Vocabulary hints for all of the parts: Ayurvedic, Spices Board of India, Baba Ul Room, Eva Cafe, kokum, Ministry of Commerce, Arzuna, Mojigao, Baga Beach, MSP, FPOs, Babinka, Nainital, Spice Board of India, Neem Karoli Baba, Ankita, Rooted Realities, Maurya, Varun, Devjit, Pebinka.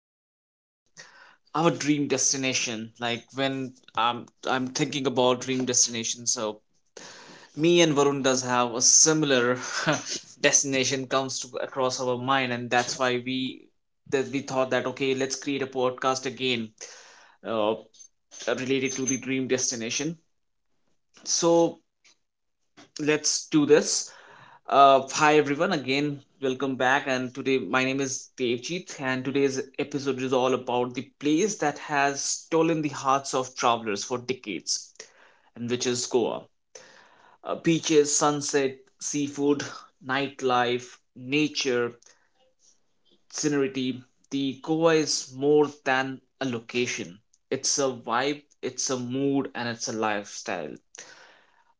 about our dream destination. Like when I'm thinking about dream destination, so me and Varun does have a similar destination comes to, across our mind, and that's why we thought that okay, let's create a podcast again uh, related to the dream destination. So let's do this. Hi everyone, again, welcome back. And today, my name is Devjit, and today's episode is all about the place that has stolen the hearts of travelers for decades, and which is Goa. Beaches, sunset, seafood, nightlife, nature, scenery. The Goa is more than a location. It's a vibe, it's a mood, and it's a lifestyle.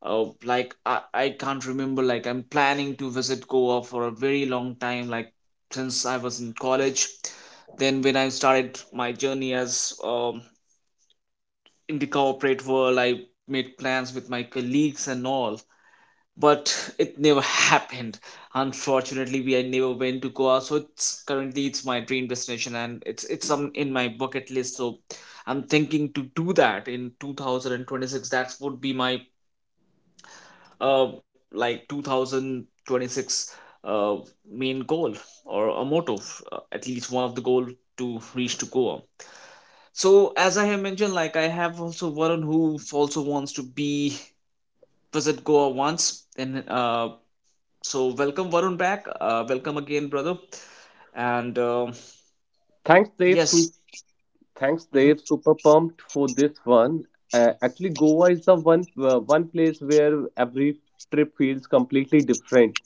Oh, like I can't remember. Like I'm planning to visit Goa for a very long time, like since I was in college. Then when I started my journey as in the corporate world, I made plans with my colleagues and all, but it never happened. Unfortunately, we I never went to Goa, so it's currently it's my dream destination and it's some in my bucket list. So I'm thinking to do that in 2026. That would be my uh, like 2026 uh, main goal or a motto, at least one of the goal to reach to Goa. So as I have mentioned, like I have also Varun who also wants to be visit Goa once. And so welcome Varun back. Welcome again, brother. And Thanks, Dave. yes, mhm, Super pumped for this one. Actually, Goa is the one place where every trip feels completely different,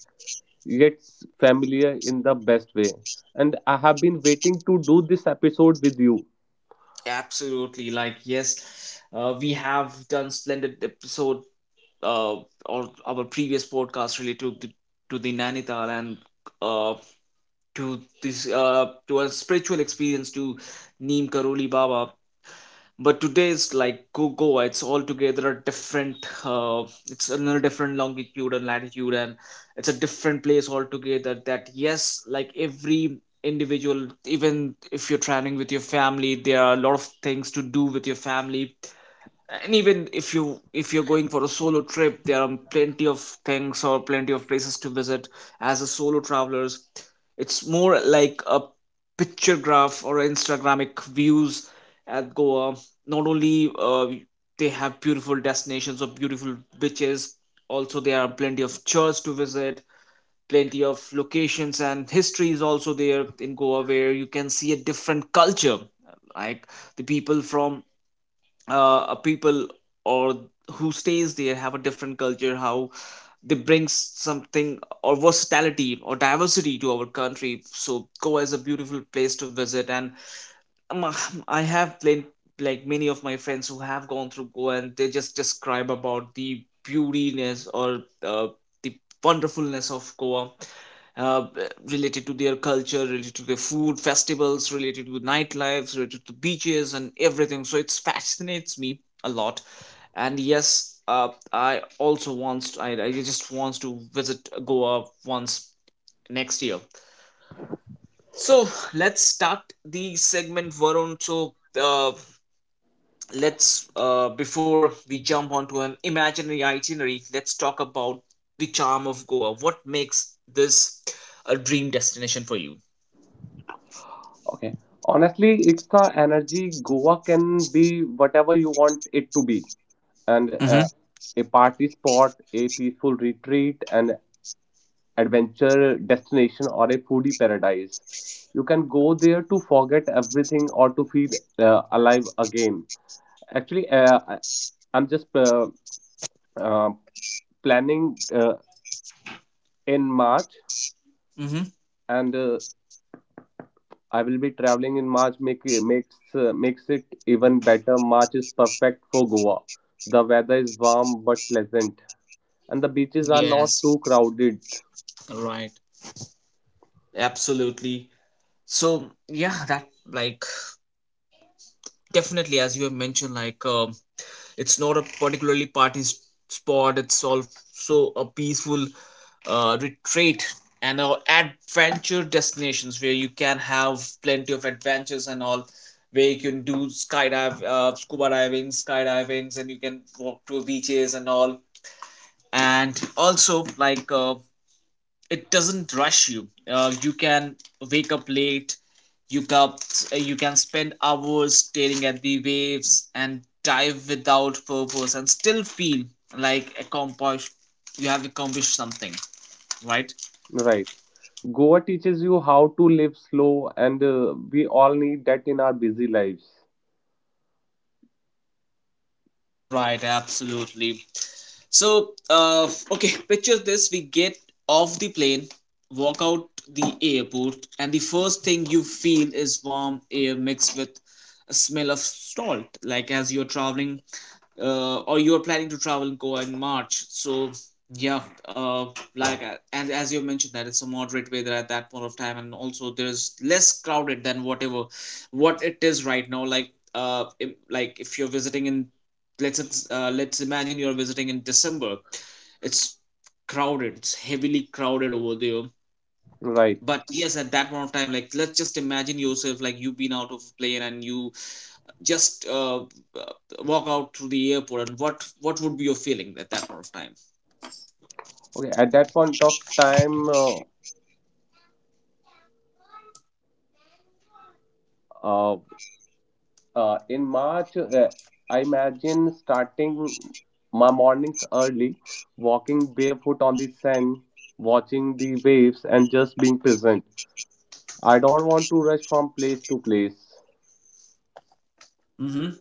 yet familiar in the best way. And I have been waiting to do this episode with you. absolutely. Like yes, we have done splendid episode uh, or our previous podcast related to to the Nainital and uh, to this to a spiritual experience to Neem Karoli Baba. But today's like Go Goa, it's altogether a different. Uh, it's another different longitude and latitude, and it's a different place altogether. That yes, like every individual, even if you're traveling with your family, there are a lot of things to do with your family, and even if you if you're going for a solo trip, there are plenty of things or plenty of places to visit as a solo travelers. It's more like a picture graph or instagramic views at Goa. Not only they have beautiful destinations or beautiful beaches, also there are plenty of churches to visit, plenty of locations, and history is also there in Goa, where you can see a different culture. Like the people from people or who stays there have a different culture, how they bring something or versatility or diversity to our country. So Goa is a beautiful place to visit. And um, uh, I have played like many of my friends who have gone through Goa, and they just describe about the beautiness or uh, the wonderfulness of Goa uh, related to their culture, related to their food, festivals, related to nightlife, related to beaches, and everything. So it fascinates me a lot. And yes, I also wants I just wants to visit Goa once next year. So let's start the segment, Varun. So uh, let's before we jump onto an imaginary itinerary, let's talk about the charm of Goa. What makes this a dream destination for you? Okay. Honestly, it's the energy. Goa can be whatever you want it to be and Mm-hmm, a party spot, a peaceful retreat, and adventure destination or a foodie paradise. You can go there to forget everything or to feel alive again. Actually, I'm just uh, planning in March, mm-hmm. and I will be traveling in March. Makes it even better. March is perfect for Goa. The weather is warm but pleasant, and the beaches are not too Yes, crowded. right, absolutely. So yeah, that like definitely, as you have mentioned, like it's not a particularly party spot. It's also a peaceful retreat and a adventure destinations where you can have plenty of adventures and all, where you can do skydive, scuba diving, skydivings, and you can walk to beaches and all. And also like it doesn't rush you. You can wake up late, you can you can spend hours staring at the waves and dive without purpose and still feel like accomplish, you have accomplished something, right? Right. Goa teaches you how to live slow, and we all need that in our busy lives. Right, absolutely. So okay, picture this. We get off the plane, walk out the airport, and the first thing you feel is warm air mixed with a smell of salt. Like as you're traveling or you're planning to travel and go in March. So yeah, uh, like and as you mentioned that it's a moderate weather at that point of time, and also there's less crowded than whatever what it is right now. Like if, like if you're visiting in let's imagine you're visiting in December, it's crowded. It's heavily crowded over there. Right. But yes, at that point of time, like let's just imagine yourself, like you've been out of plane and you just walk out to the airport, and what would be your feeling at that point of time? Okay. At that point of time, uh, in March, I imagine starting my mornings early, walking barefoot on the sand, watching the waves, and just being present. I don't want to rush from place to place. Mm-hmm.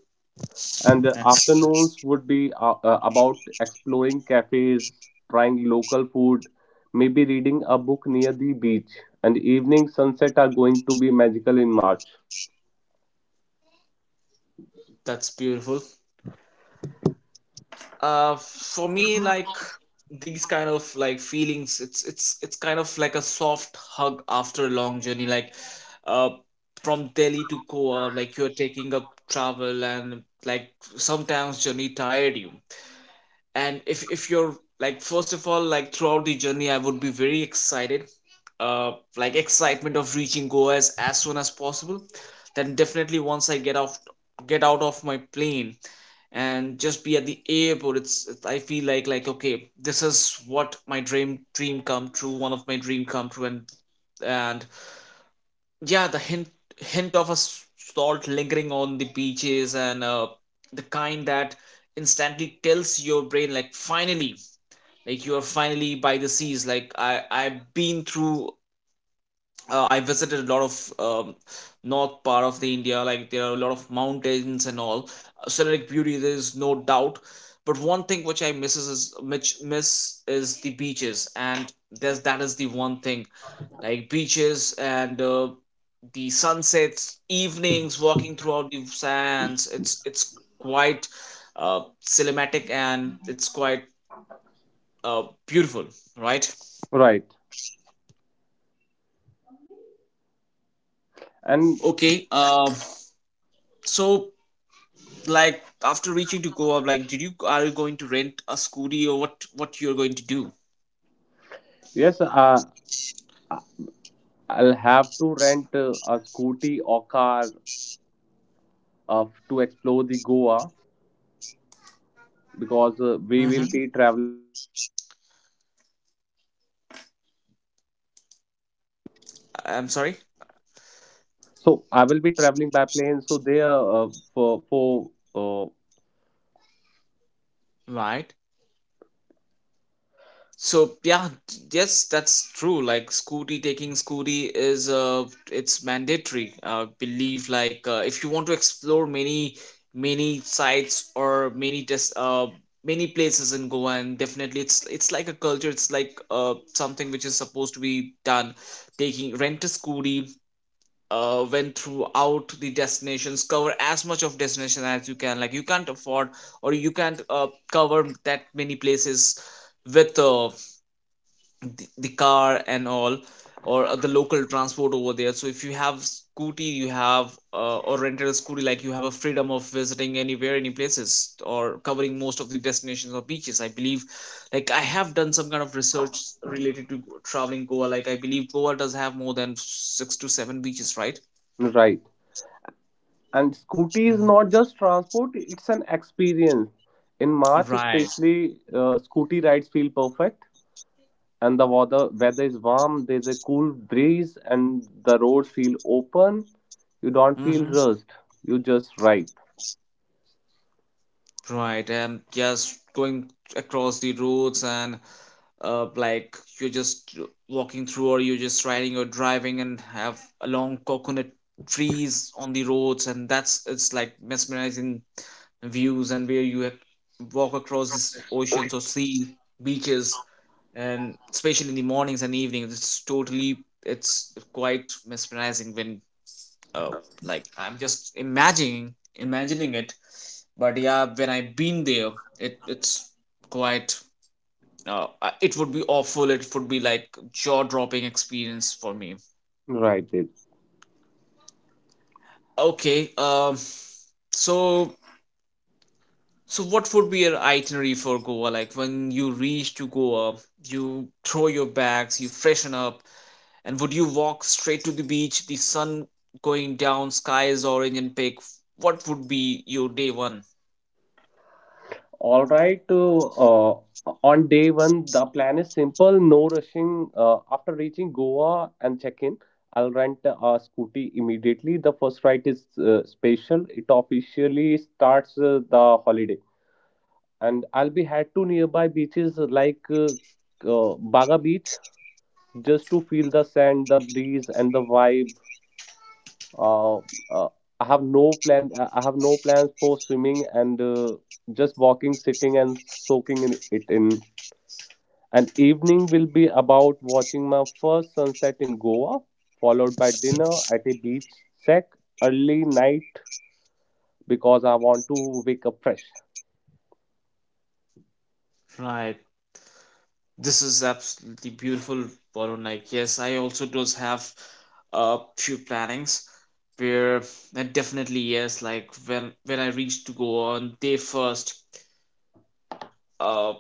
And the That's afternoons would be about exploring cafes, trying local food, maybe reading a book near the beach. And evening sunset are going to be magical in March. that's beautiful. For me, like these kind of like feelings, it's kind of like a soft hug after a long journey. Like uh from Delhi to Goa, like you're taking up travel, and like sometimes journey tired you. And if you're like first of all, like throughout the journey, I would be very excited. Like excitement of reaching Goa as soon as possible. Then definitely once I get out of my plane and just be at the airport, it's I feel like okay, this is what my dream come true, one of my dream come true. And and yeah, the hint of a salt lingering on the beaches and the kind that instantly tells your brain like finally, like you are finally by the seas. Like I've been through I visited a lot of north part of the India. Like there are a lot of mountains and all. Scenic beauty, there is no doubt, but one thing which I misses is which miss is the beaches. And there's that is the one thing like beaches and the sunsets, evenings, walking throughout the sands. It's quite cinematic and it's quite beautiful, right? Right. And Okay. Um, so like after reaching to Goa, like did you are you going to rent a scooty or what? What you're going to do? yes, I'll have to rent a scooty or car of to explore the Goa, because we will Hmm. be traveling. I'm sorry. So I will be traveling by plane. So they are for uh, Right. So yeah, yes, that's true. Like Scooty, taking Scooty is it's mandatory. I believe, like if you want to explore many sites or many just many places in Goa, and definitely it's like a culture. It's like something which is supposed to be done. Taking rent a Scooty. Went throughout the destinations, cover as much of destination as you can. Like you can't afford or you can't cover that many places with the car and all or the local transport over there. So if you have scooty, you have or rented a scooty, like you have a freedom of visiting anywhere, any places, or covering most of the destinations or beaches. I believe, like I have done some kind of research related to traveling Goa. Like I believe Goa does have more than six to seven beaches, right? right. And scooty is Hmm, not just transport, it's an experience. In March, right. especially, scooty rides feel perfect, and the weather is warm. There's a cool breeze, and the roads feel open. You don't feel Hmm, rushed. You just ride. right. And yes, going across the roads and like you're just walking through or you're just riding or driving and have along coconut trees on the roads, and that's it's like mesmerizing views, and where you have walk across these oceans or sea beaches, and especially in the mornings and evenings, it's totally it's quite mesmerizing when uh, like I'm just imagining it. But yeah, when I've been there, it's quite it would be awful, it would be like jaw-dropping experience for me. Right. Okay. Um, so so what would be your itinerary for Goa? Like when you reach to Goa, you throw your bags, you freshen up, and would you walk straight to the beach, the sun going down, sky is orange and pink? What would be your day one? All right. On day one, the plan is simple, no rushing. After reaching Goa and check in, I'll rent a scooty immediately. The first ride is special. It officially starts the holiday. And I'll be head to nearby beaches like Baga Beach, just to feel the sand, the breeze, and the vibe. Uh, uh, I have no plan. I have no plans for swimming, and just walking, sitting, and soaking in it in. An evening will be about watching my first sunset in Goa, followed by dinner at a beach shack, early night because I want to wake up fresh. Right. This is absolutely beautiful, Varun. Like, yes, I also does have a few plannings where definitely yes, like when I reach to go on day first, uh,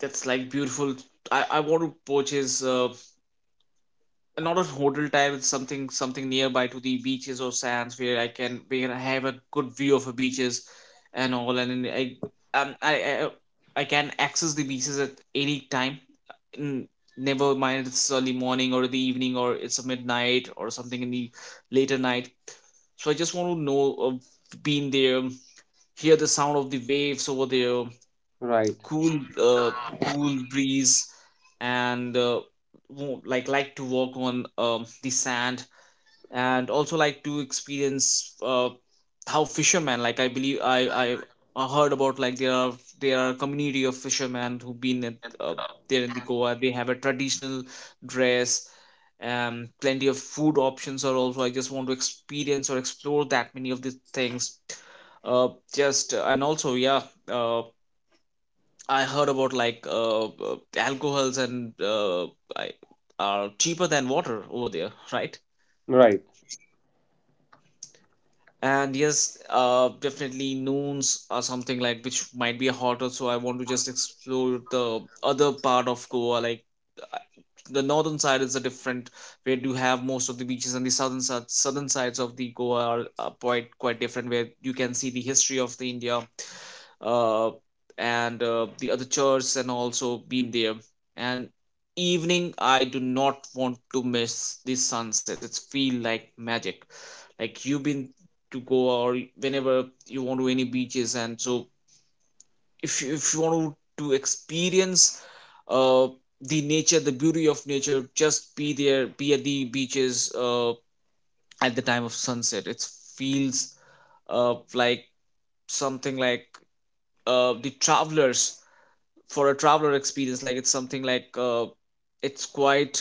that's like beautiful. I want to purchase not a hotel type. It's something nearby to the beaches or sands where I can where I have a good view of the beaches and all, and then um, I, I can access the beaches at any time. N- Never mind, it's early morning or the evening or it's a midnight or something in the later night. So I just want to know, being there, hear the sound of the waves over there, Right, cool uh, cool breeze, and like to walk on the sand, and also like to experience how fishermen, like I believe, i I heard about, like, there are a community of fishermen who've been at, uh, there in the Goa. They have a traditional dress, plenty of food options are also. I just want to experience or explore that many of the things, uh just and also yeah, uh I heard about, like alcohols and I, are cheaper than water over there, right? right. And yes, definitely noons or something, like, which might be hotter. So I want to just explore the other part of Goa. Like, uh, the northern side is a different where you have most of the beaches, and the southern side, southern sides of the Goa are quite different where you can see the history of the India, uh and the other church, and also been there. And evening, I do not want to miss the sunsets. It's feel like magic. Like, you've been to go or whenever you want to any beaches, and so if you want to experience, uh, the nature, the beauty of nature, just be there, be at the beaches, at the time of sunset. It feels, like something, like, the travelers for a traveler experience, like, it's something like, it's quite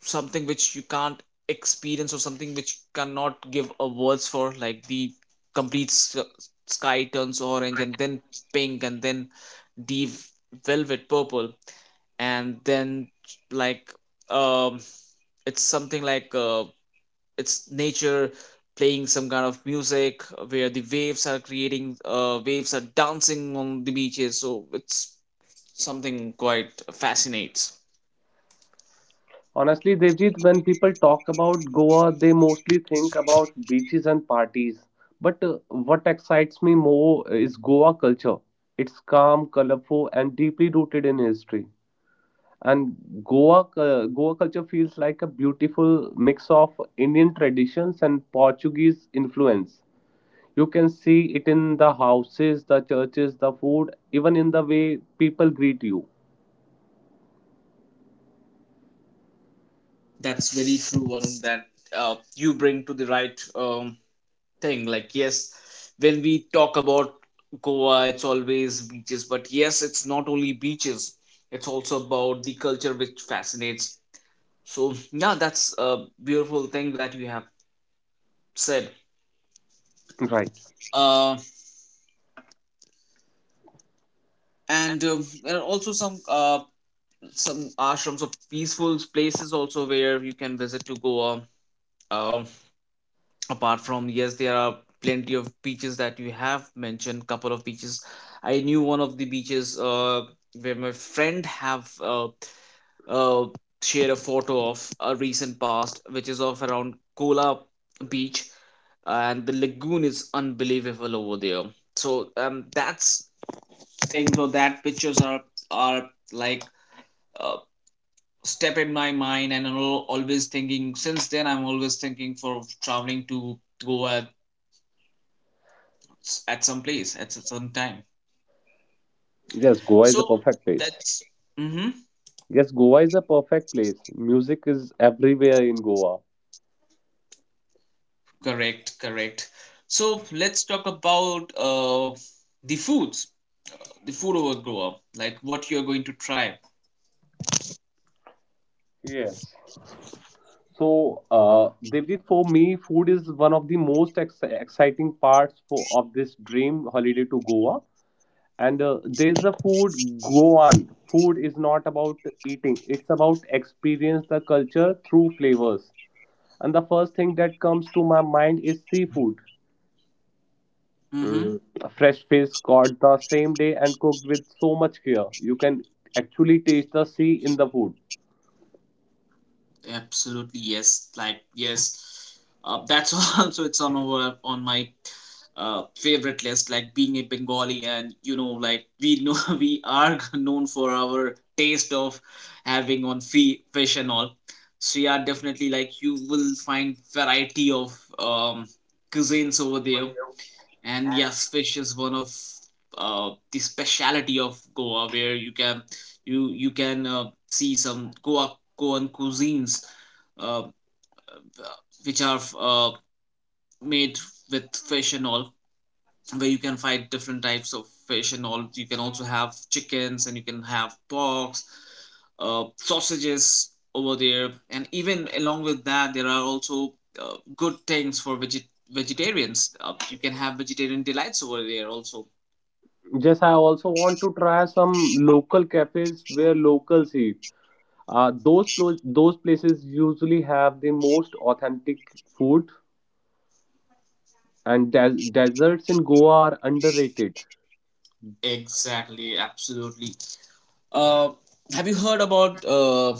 something which you can't experience, or something which cannot give a words for, like the complete sky turns orange, and Right. then pink, and then deep velvet purple, and then like, um it's something like, it's nature playing some kind of music, where the waves are creating, waves are dancing on the beaches. So it's something quite fascinates. Honestly, Devjit, when people talk about Goa, they mostly think about beaches and parties. But what excites me more is Goa culture. It's calm, colorful, and deeply rooted in history. And Goa culture feels like a beautiful mix of Indian traditions and Portuguese influence. You can see it in the houses, the churches, the food, even in the way people greet you. That's very true, Varun. That you bring to the right thing. Like, yes, when we talk about Goa, it's always beaches. But yes, it's not only beaches, it's also about the culture which fascinates. So yeah, that's a beautiful thing that you have said. Right. Uh, and there are also some ashrams of peaceful places also where you can visit to Goa. Um apart from, yes, there are plenty of beaches that you have mentioned. Couple of beaches I knew, one of the beaches, where my friend have uh, shared a photo of a recent past, which is of around Kola beach, and the lagoon is unbelievable over there. So that's thing. So that pictures are are like, uh, step in my mind, and always thinking. Since then, I'm always thinking for traveling to Goa at some place at some time. Yes, Goa is a So perfect place. that's, mm-hmm, Yes, Goa is a perfect place. Music is everywhere in Goa. correct, correct. So let's talk about the foods, the food overgrower, like what you're going to try. Yes. So, Devjit, for me, food is one of the most exciting parts of this dream holiday to Goa. And there's the food, go on, food is not about eating, it's about experience the culture through flavors. And the first thing that comes to my mind is seafood. Mm-hmm. Mm, Fresh fish caught the same day and cooked with so much care, you can actually taste the sea in the food. Absolutely, yes. Like, yes. That's also it's on over on my favorite list. Like, being a Bengali, and you know, like, we know we are known for our taste of having on fish and all. So yeah, definitely, like, you will find variety of cuisines over there. And yes, fish is one of the speciality of Goa, where you can, you can, see some Goan cuisines, uh, which are made with fish and all, where you can find different types of fish and all. You can also have chickens, and you can have porks, sausages over there. And even along with that, there are also good things for vegetarians. You can have vegetarian delights over there also. Yes, I also want to try some local cafes where locals eat, those places usually have the most authentic food. And deserts in Goa are underrated. Exactly, absolutely. Uh, have you heard about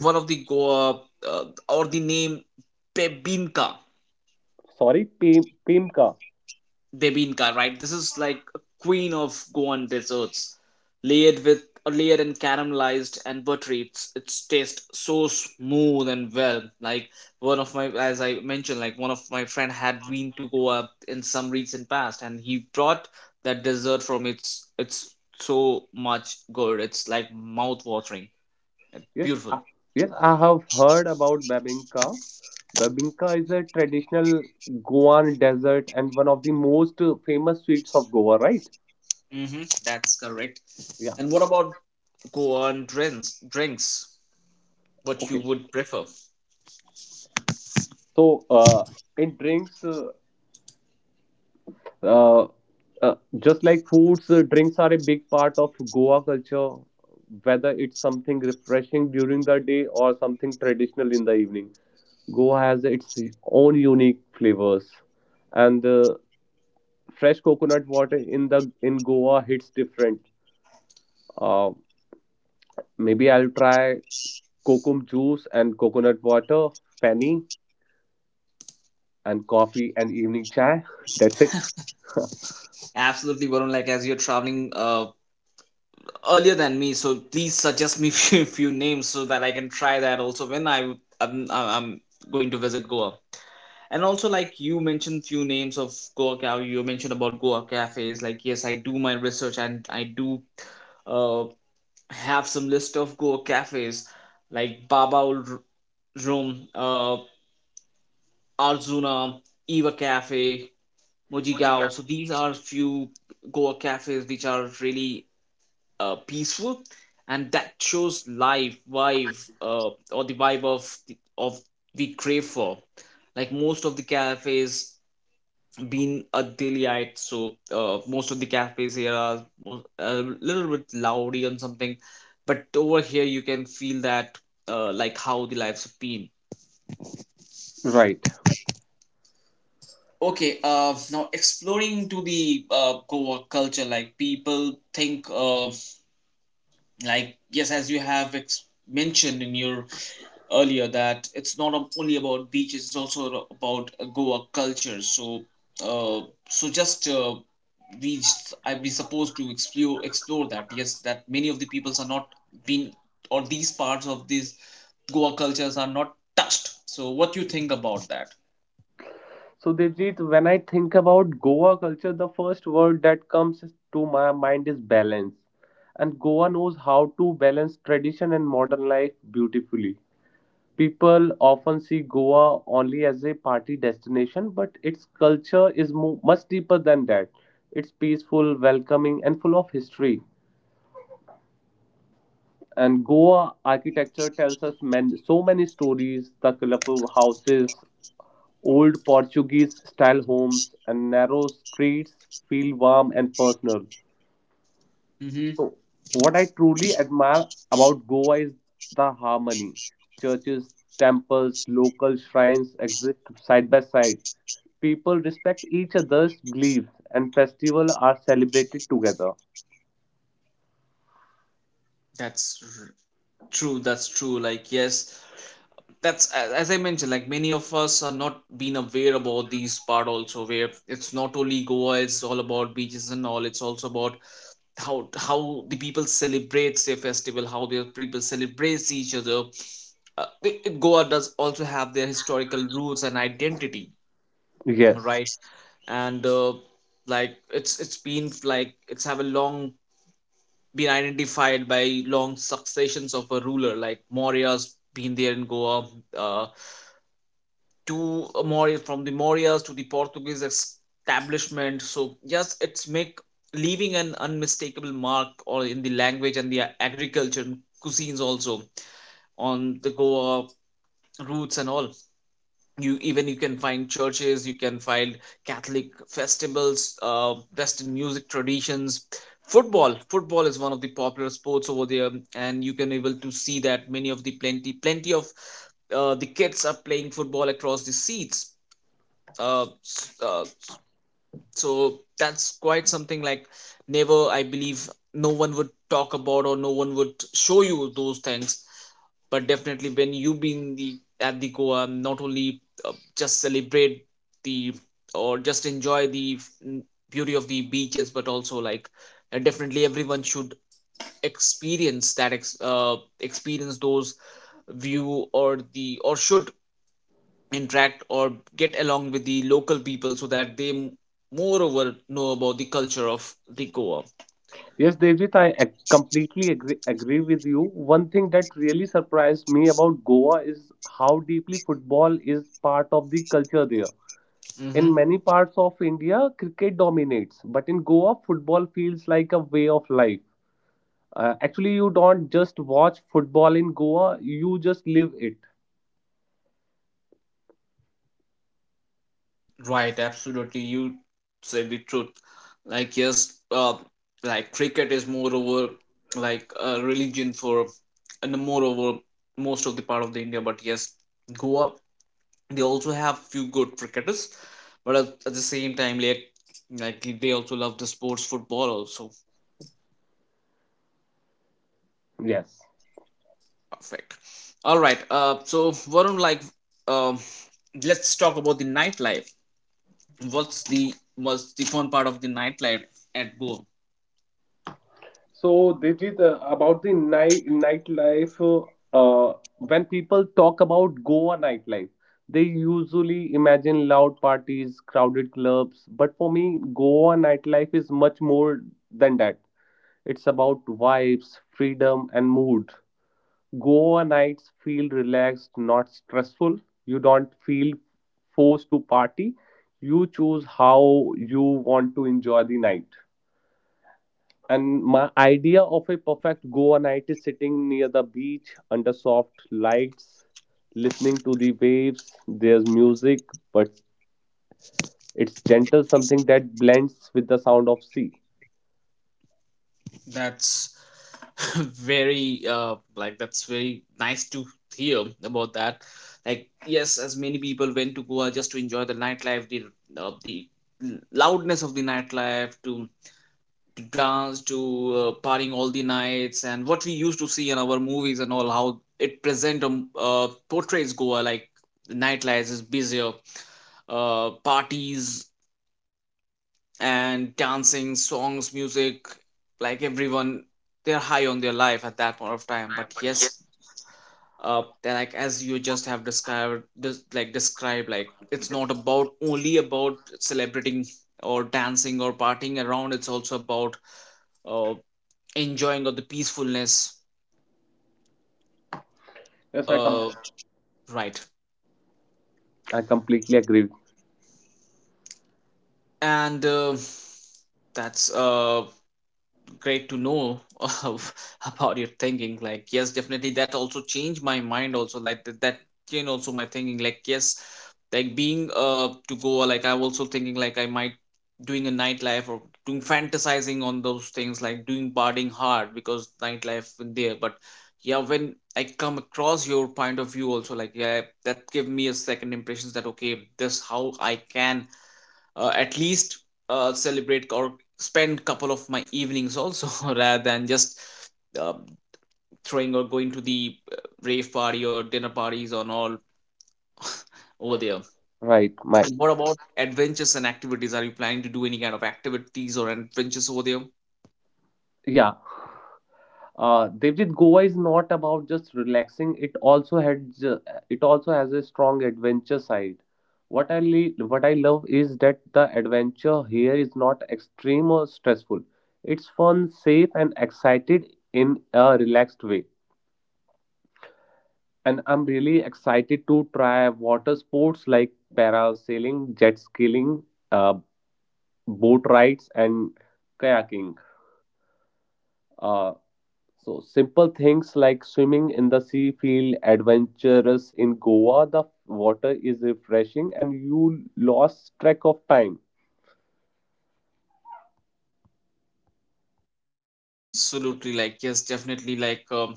one of the Goa, uh, or the name Pebinka? Sorry, Pemka. Debinka, right? This is like a queen of Goan desserts, layered with, or layered and caramelized and buttery. It's taste so smooth and well. Like, one of my, as I mentioned, like, one of my friend had been to Goa in some recent past, and he brought that dessert from its, it's so much good. It's like mouth watering. Yes, Beautiful. I, yes, I have heard about Babinka. Babinka is a traditional Goan dessert and one of the most famous sweets of Goa, right? Mm-hmm, that's correct. Yeah. And what about Goan drinks? Drinks, what you Okay. would prefer? So, in drinks, uh, just like foods, drinks are a big part of Goa culture, whether it's something refreshing during the day or something traditional in the evening. Goa has its own unique flavors, and fresh coconut water in Goa hits different. Uh, Maybe I'll try kokum juice and coconut water, penny and coffee and evening chai. That's it. Absolutely, Varun. Like, as you're traveling earlier than me, so please suggest me few, few names so that I can try that also when iwi I w- I'm going to visit Goa. And also, like you mentioned, few names of Goa. You mentioned about Goa cafes. Like, yes, I do my research, and I do uh, have some list of Goa cafes like Baba Ul Room, Arzuna, Eva Cafe, Mojigao. So these are few Goa cafes which are really peaceful, and that shows life vibe, or the vibe of the crave for. Like, most of the cafes been a delight, so most of the cafes here are a little bit loudy and something, but over here you can feel that, like, how the lives have been. Right. Okay, now exploring to the co-work culture. Like, people think, like, yes, as you have mentioned in your earlier that it's not only about beaches, it's also about Goa culture. So uh, so just we, I we supposed to explore, that yes that many of the peoples are not been, or these parts of these Goa cultures are not touched. So what you think about that? So Devjit, when I think about Goa culture, the first word that comes to my mind is balance. And Goa knows how to balance tradition and modern life beautifully. People often see Goa only as a party destination, but its culture is much deeper than that. It's peaceful, welcoming, and full of history. And Goa architecture tells us so many stories. The colorful houses, Old Portuguese-style homes, and narrow streets feel warm and personal. Mm-hmm. What I truly admire about Goa is the harmony. Churches, temples, local shrines exist side by side. People respect each other's beliefs, and festivals are celebrated together. That's true. That's true. Like, yes, that's as I mentioned. Like, many of us are not being aware about these part also, where it's not only Goa, it's all about beaches and all. It's also about how the people celebrate, say, festival, how their people celebrate each other. Goa does also have their historical roots and identity, Yes. right? And like, it's, been like, it's have a long been identified by long successions of a ruler, like Maurya's been there in Goa, uh, to Maurya, from the Mauryas to the Portuguese establishment. So yes, it's make leaving an unmistakable mark or in the language, and the agriculture, and cuisines also on the Goa roots and all. You, even you can find churches, you can find Catholic festivals, Western music traditions. Football, football is one of the popular sports over there, and you can able to see that many of the plenty, plenty of the kids are playing football across the seats, uh, s- uh, so that's quite something, like, never, I believe no one would talk about or no one would show you those things. But definitely when you been the at the Goa, not only just celebrate the, or just enjoy the beauty of the beaches, but also, like, definitely everyone should experience that, experience those view, or the, or should interact or get along with the local people so that they moreover know about the culture of the Goa. Yes, Devjit, I completely agree with you. One thing that really surprised me about Goa is how deeply football is part of the culture there. In Hmm. many parts of India, cricket dominates, but in Goa, football feels like a way of life. Actually, you don't just watch football in Goa, you just live it. Right, absolutely. You said the truth. Like, yes, like, cricket is moreover like a religion for, and moreover most of the part of the India. But yes, Goa, they also have few good cricketers, but at the same time, like, they also love the sports football also. Yes. Perfect. All right. So Varun, like, um, let's talk about the nightlife. What's the, what's the fun part of the nightlife at Goa? So, this is about the nightlife. Uh, when people talk about Goa nightlife, they usually imagine loud parties, crowded clubs. But for me, Goa nightlife is much more than that. It's about vibes, freedom, and mood. Goa nights feel relaxed, not stressful. You don't feel forced to party. You choose how you want to enjoy the night. And my idea of a perfect Goa night is sitting near the beach under soft lights, listening to the waves. There's music, but it's gentle, something that blends with the sound of sea. That's very, like, that's very nice to hear about that. Like, yes, as many people went to Goa just to enjoy the nightlife, the loudness of the nightlife, to dance, to partying all the nights, and what we used to see in our movies and all, how it present, portrays Goa, like the nightlife is busier, parties and dancing, songs, music, like everyone, they're high on their life at that point of time. But yes, they're like, as you just have described this like described, like it's not about only about celebrating or dancing or partying around, it's also about, uh, enjoying of the peacefulness, Yes, I com- uh right. I completely agree. And that's great to know of, about your thinking. Like, yes, definitely that also changed my mind also, like that, that changed also my thinking. Like, yes, like being to go like I'm also thinking, like, I might doing a nightlife or doing fantasizing on those things, like doing partying hard, because nightlife in there. But yeah, when I come across your point of view also, like, yeah, that give me a second impressions that, okay, this how I can, at least celebrate or spend couple of my evenings also rather than just uh, throwing or going to the rave party or dinner parties and all over there. Right, Mike. And what about adventures and activities? Are you planning to do any kind of activities or adventures over there? Yeah, Devjit, Goa is not about just relaxing. It also has a strong adventure side. What I love is that the adventure here is not extreme or stressful. It's fun, safe, and excited in a relaxed way. And I'm really excited to try water sports like parasailing, jet skiing, uh, boat rides, and kayaking. Uh, So simple things like swimming in the sea feel adventurous in Goa. The water is refreshing and you lost track of time. Absolutely, like, yes, definitely, like,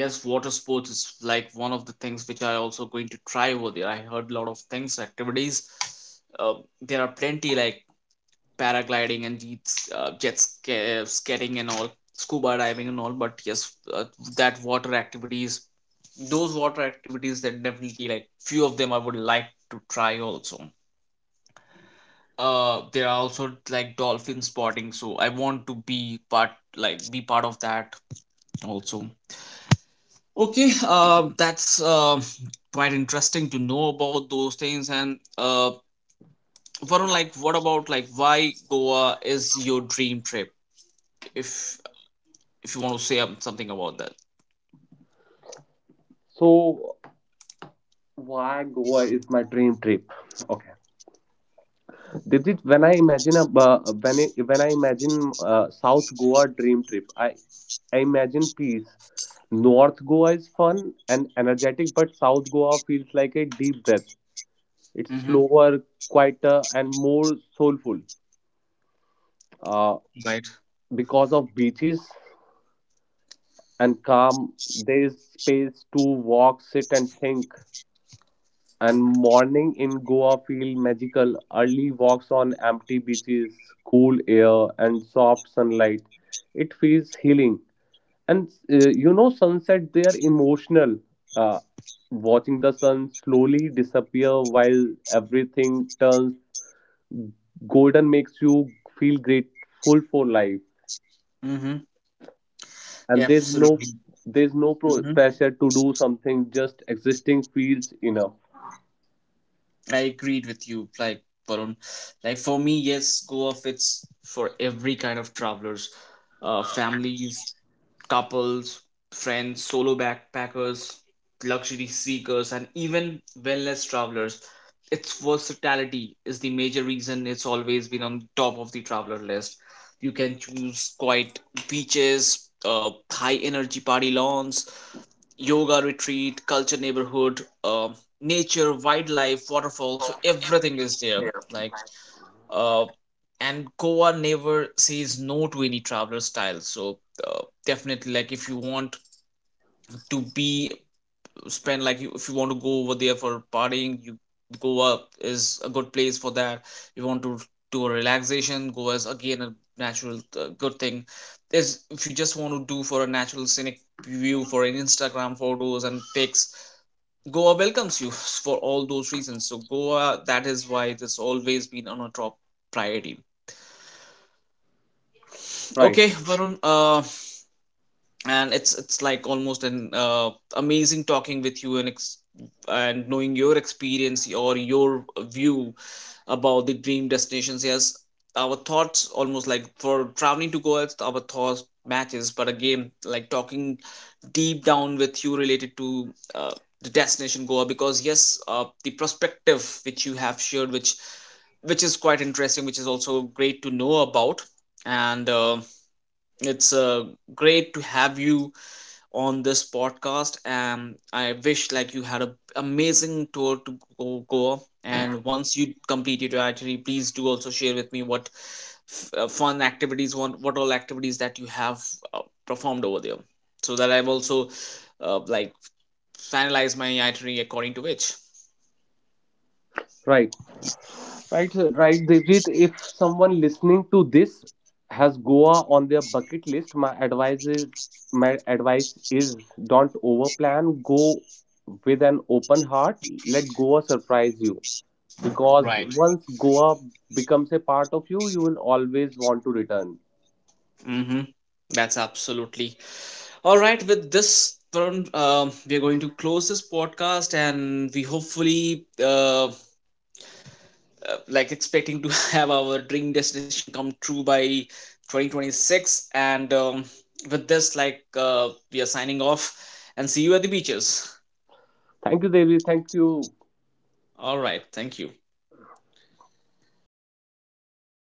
yes, water sports is like one of the things which I also going to try over there. I heard a lot of things activities, um, there are plenty, like paragliding and jets, jet skating and all, scuba diving and all. But yes, that water activities, those water activities, that, definitely, like, few of them I would like to try also. There are also like dolphin spotting, so I want to be part, like be part of that also. Okay, that's quite interesting to know about those things. And Varun, like, what about, like, why Goa is your dream trip? If, you want to say, something about that. So why Goa is my dream trip? Okay. Did it, when I imagine South Goa dream trip, I imagine peace. North Goa is fun and energetic, but South Goa feels like a deep breath. It's Mm-hmm. slower, quieter, and more soulful. Uh, Right. because of beaches and calm, there is space to walk, sit, and think. And morning in Goa feel magical. Early walks on empty beaches, cool air, and soft sunlight, it feels healing. And sunset, they are emotional. uh, Watching the sun slowly disappear while everything turns golden makes you feel grateful for life. Mm-hmm. Yeah, And there's no absolutely. there's no pro- pressure to do something. Just existing feels enough. I agreed with you, like, Varun. Like, for me, yes, go off it's for every kind of travelers, families, couples, friends, solo backpackers, luxury seekers, and even wellness travelers. Its versatility is the major reason it's always been on top of the traveler list. You can choose quiet beaches, high energy party lawns, yoga retreat, culture neighborhood, nature, wildlife, waterfalls, so everything is there. Like, uh, and Goa never says no to any traveler style. So definitely, like, if you want to be spend, like, if you want to go over there for partying, you, Goa is a good place for that. You want to do a relaxation, Goa is again a natural, good thing. Is if you just want to do for a natural scenic view for an Instagram photos and pics, Goa welcomes you for all those reasons. So Goa, that is why it's always been on a top priority. Right, Okay, Varun. And it's like almost an amazing talking with you, and and knowing your experience or your view about the dream destinations. Yes, our thoughts almost, like, for traveling to Goa, it's our thoughts matches. But again, like, talking deep down with you related to uh, the destination Goa, because yes, the perspective which you have shared, which is quite interesting, which is also great to know about. And it's great to have you on this podcast, and I wish, like, you had a amazing tour to go, go and once you completed your itinerary, please do also share with me what fun activities, what all activities that you have uh, performed over there, so that I've also like finalized my itinerary according to which. right, right, sir, right. Devjit, if someone listening to this has Goa on their bucket list, my advice is don't overplan. Go with an open heart. Let Goa surprise you, because Right. once Goa becomes a part of you will always want to return. Mm-hmm. That's absolutely all right. With this, Tarun, we are going to close this podcast, and we hopefully like expecting to have our dream destination come true by 2026. And with this, like, we are signing off, and see you at the beaches. Thank you, Devi. Thank you. All right, thank you.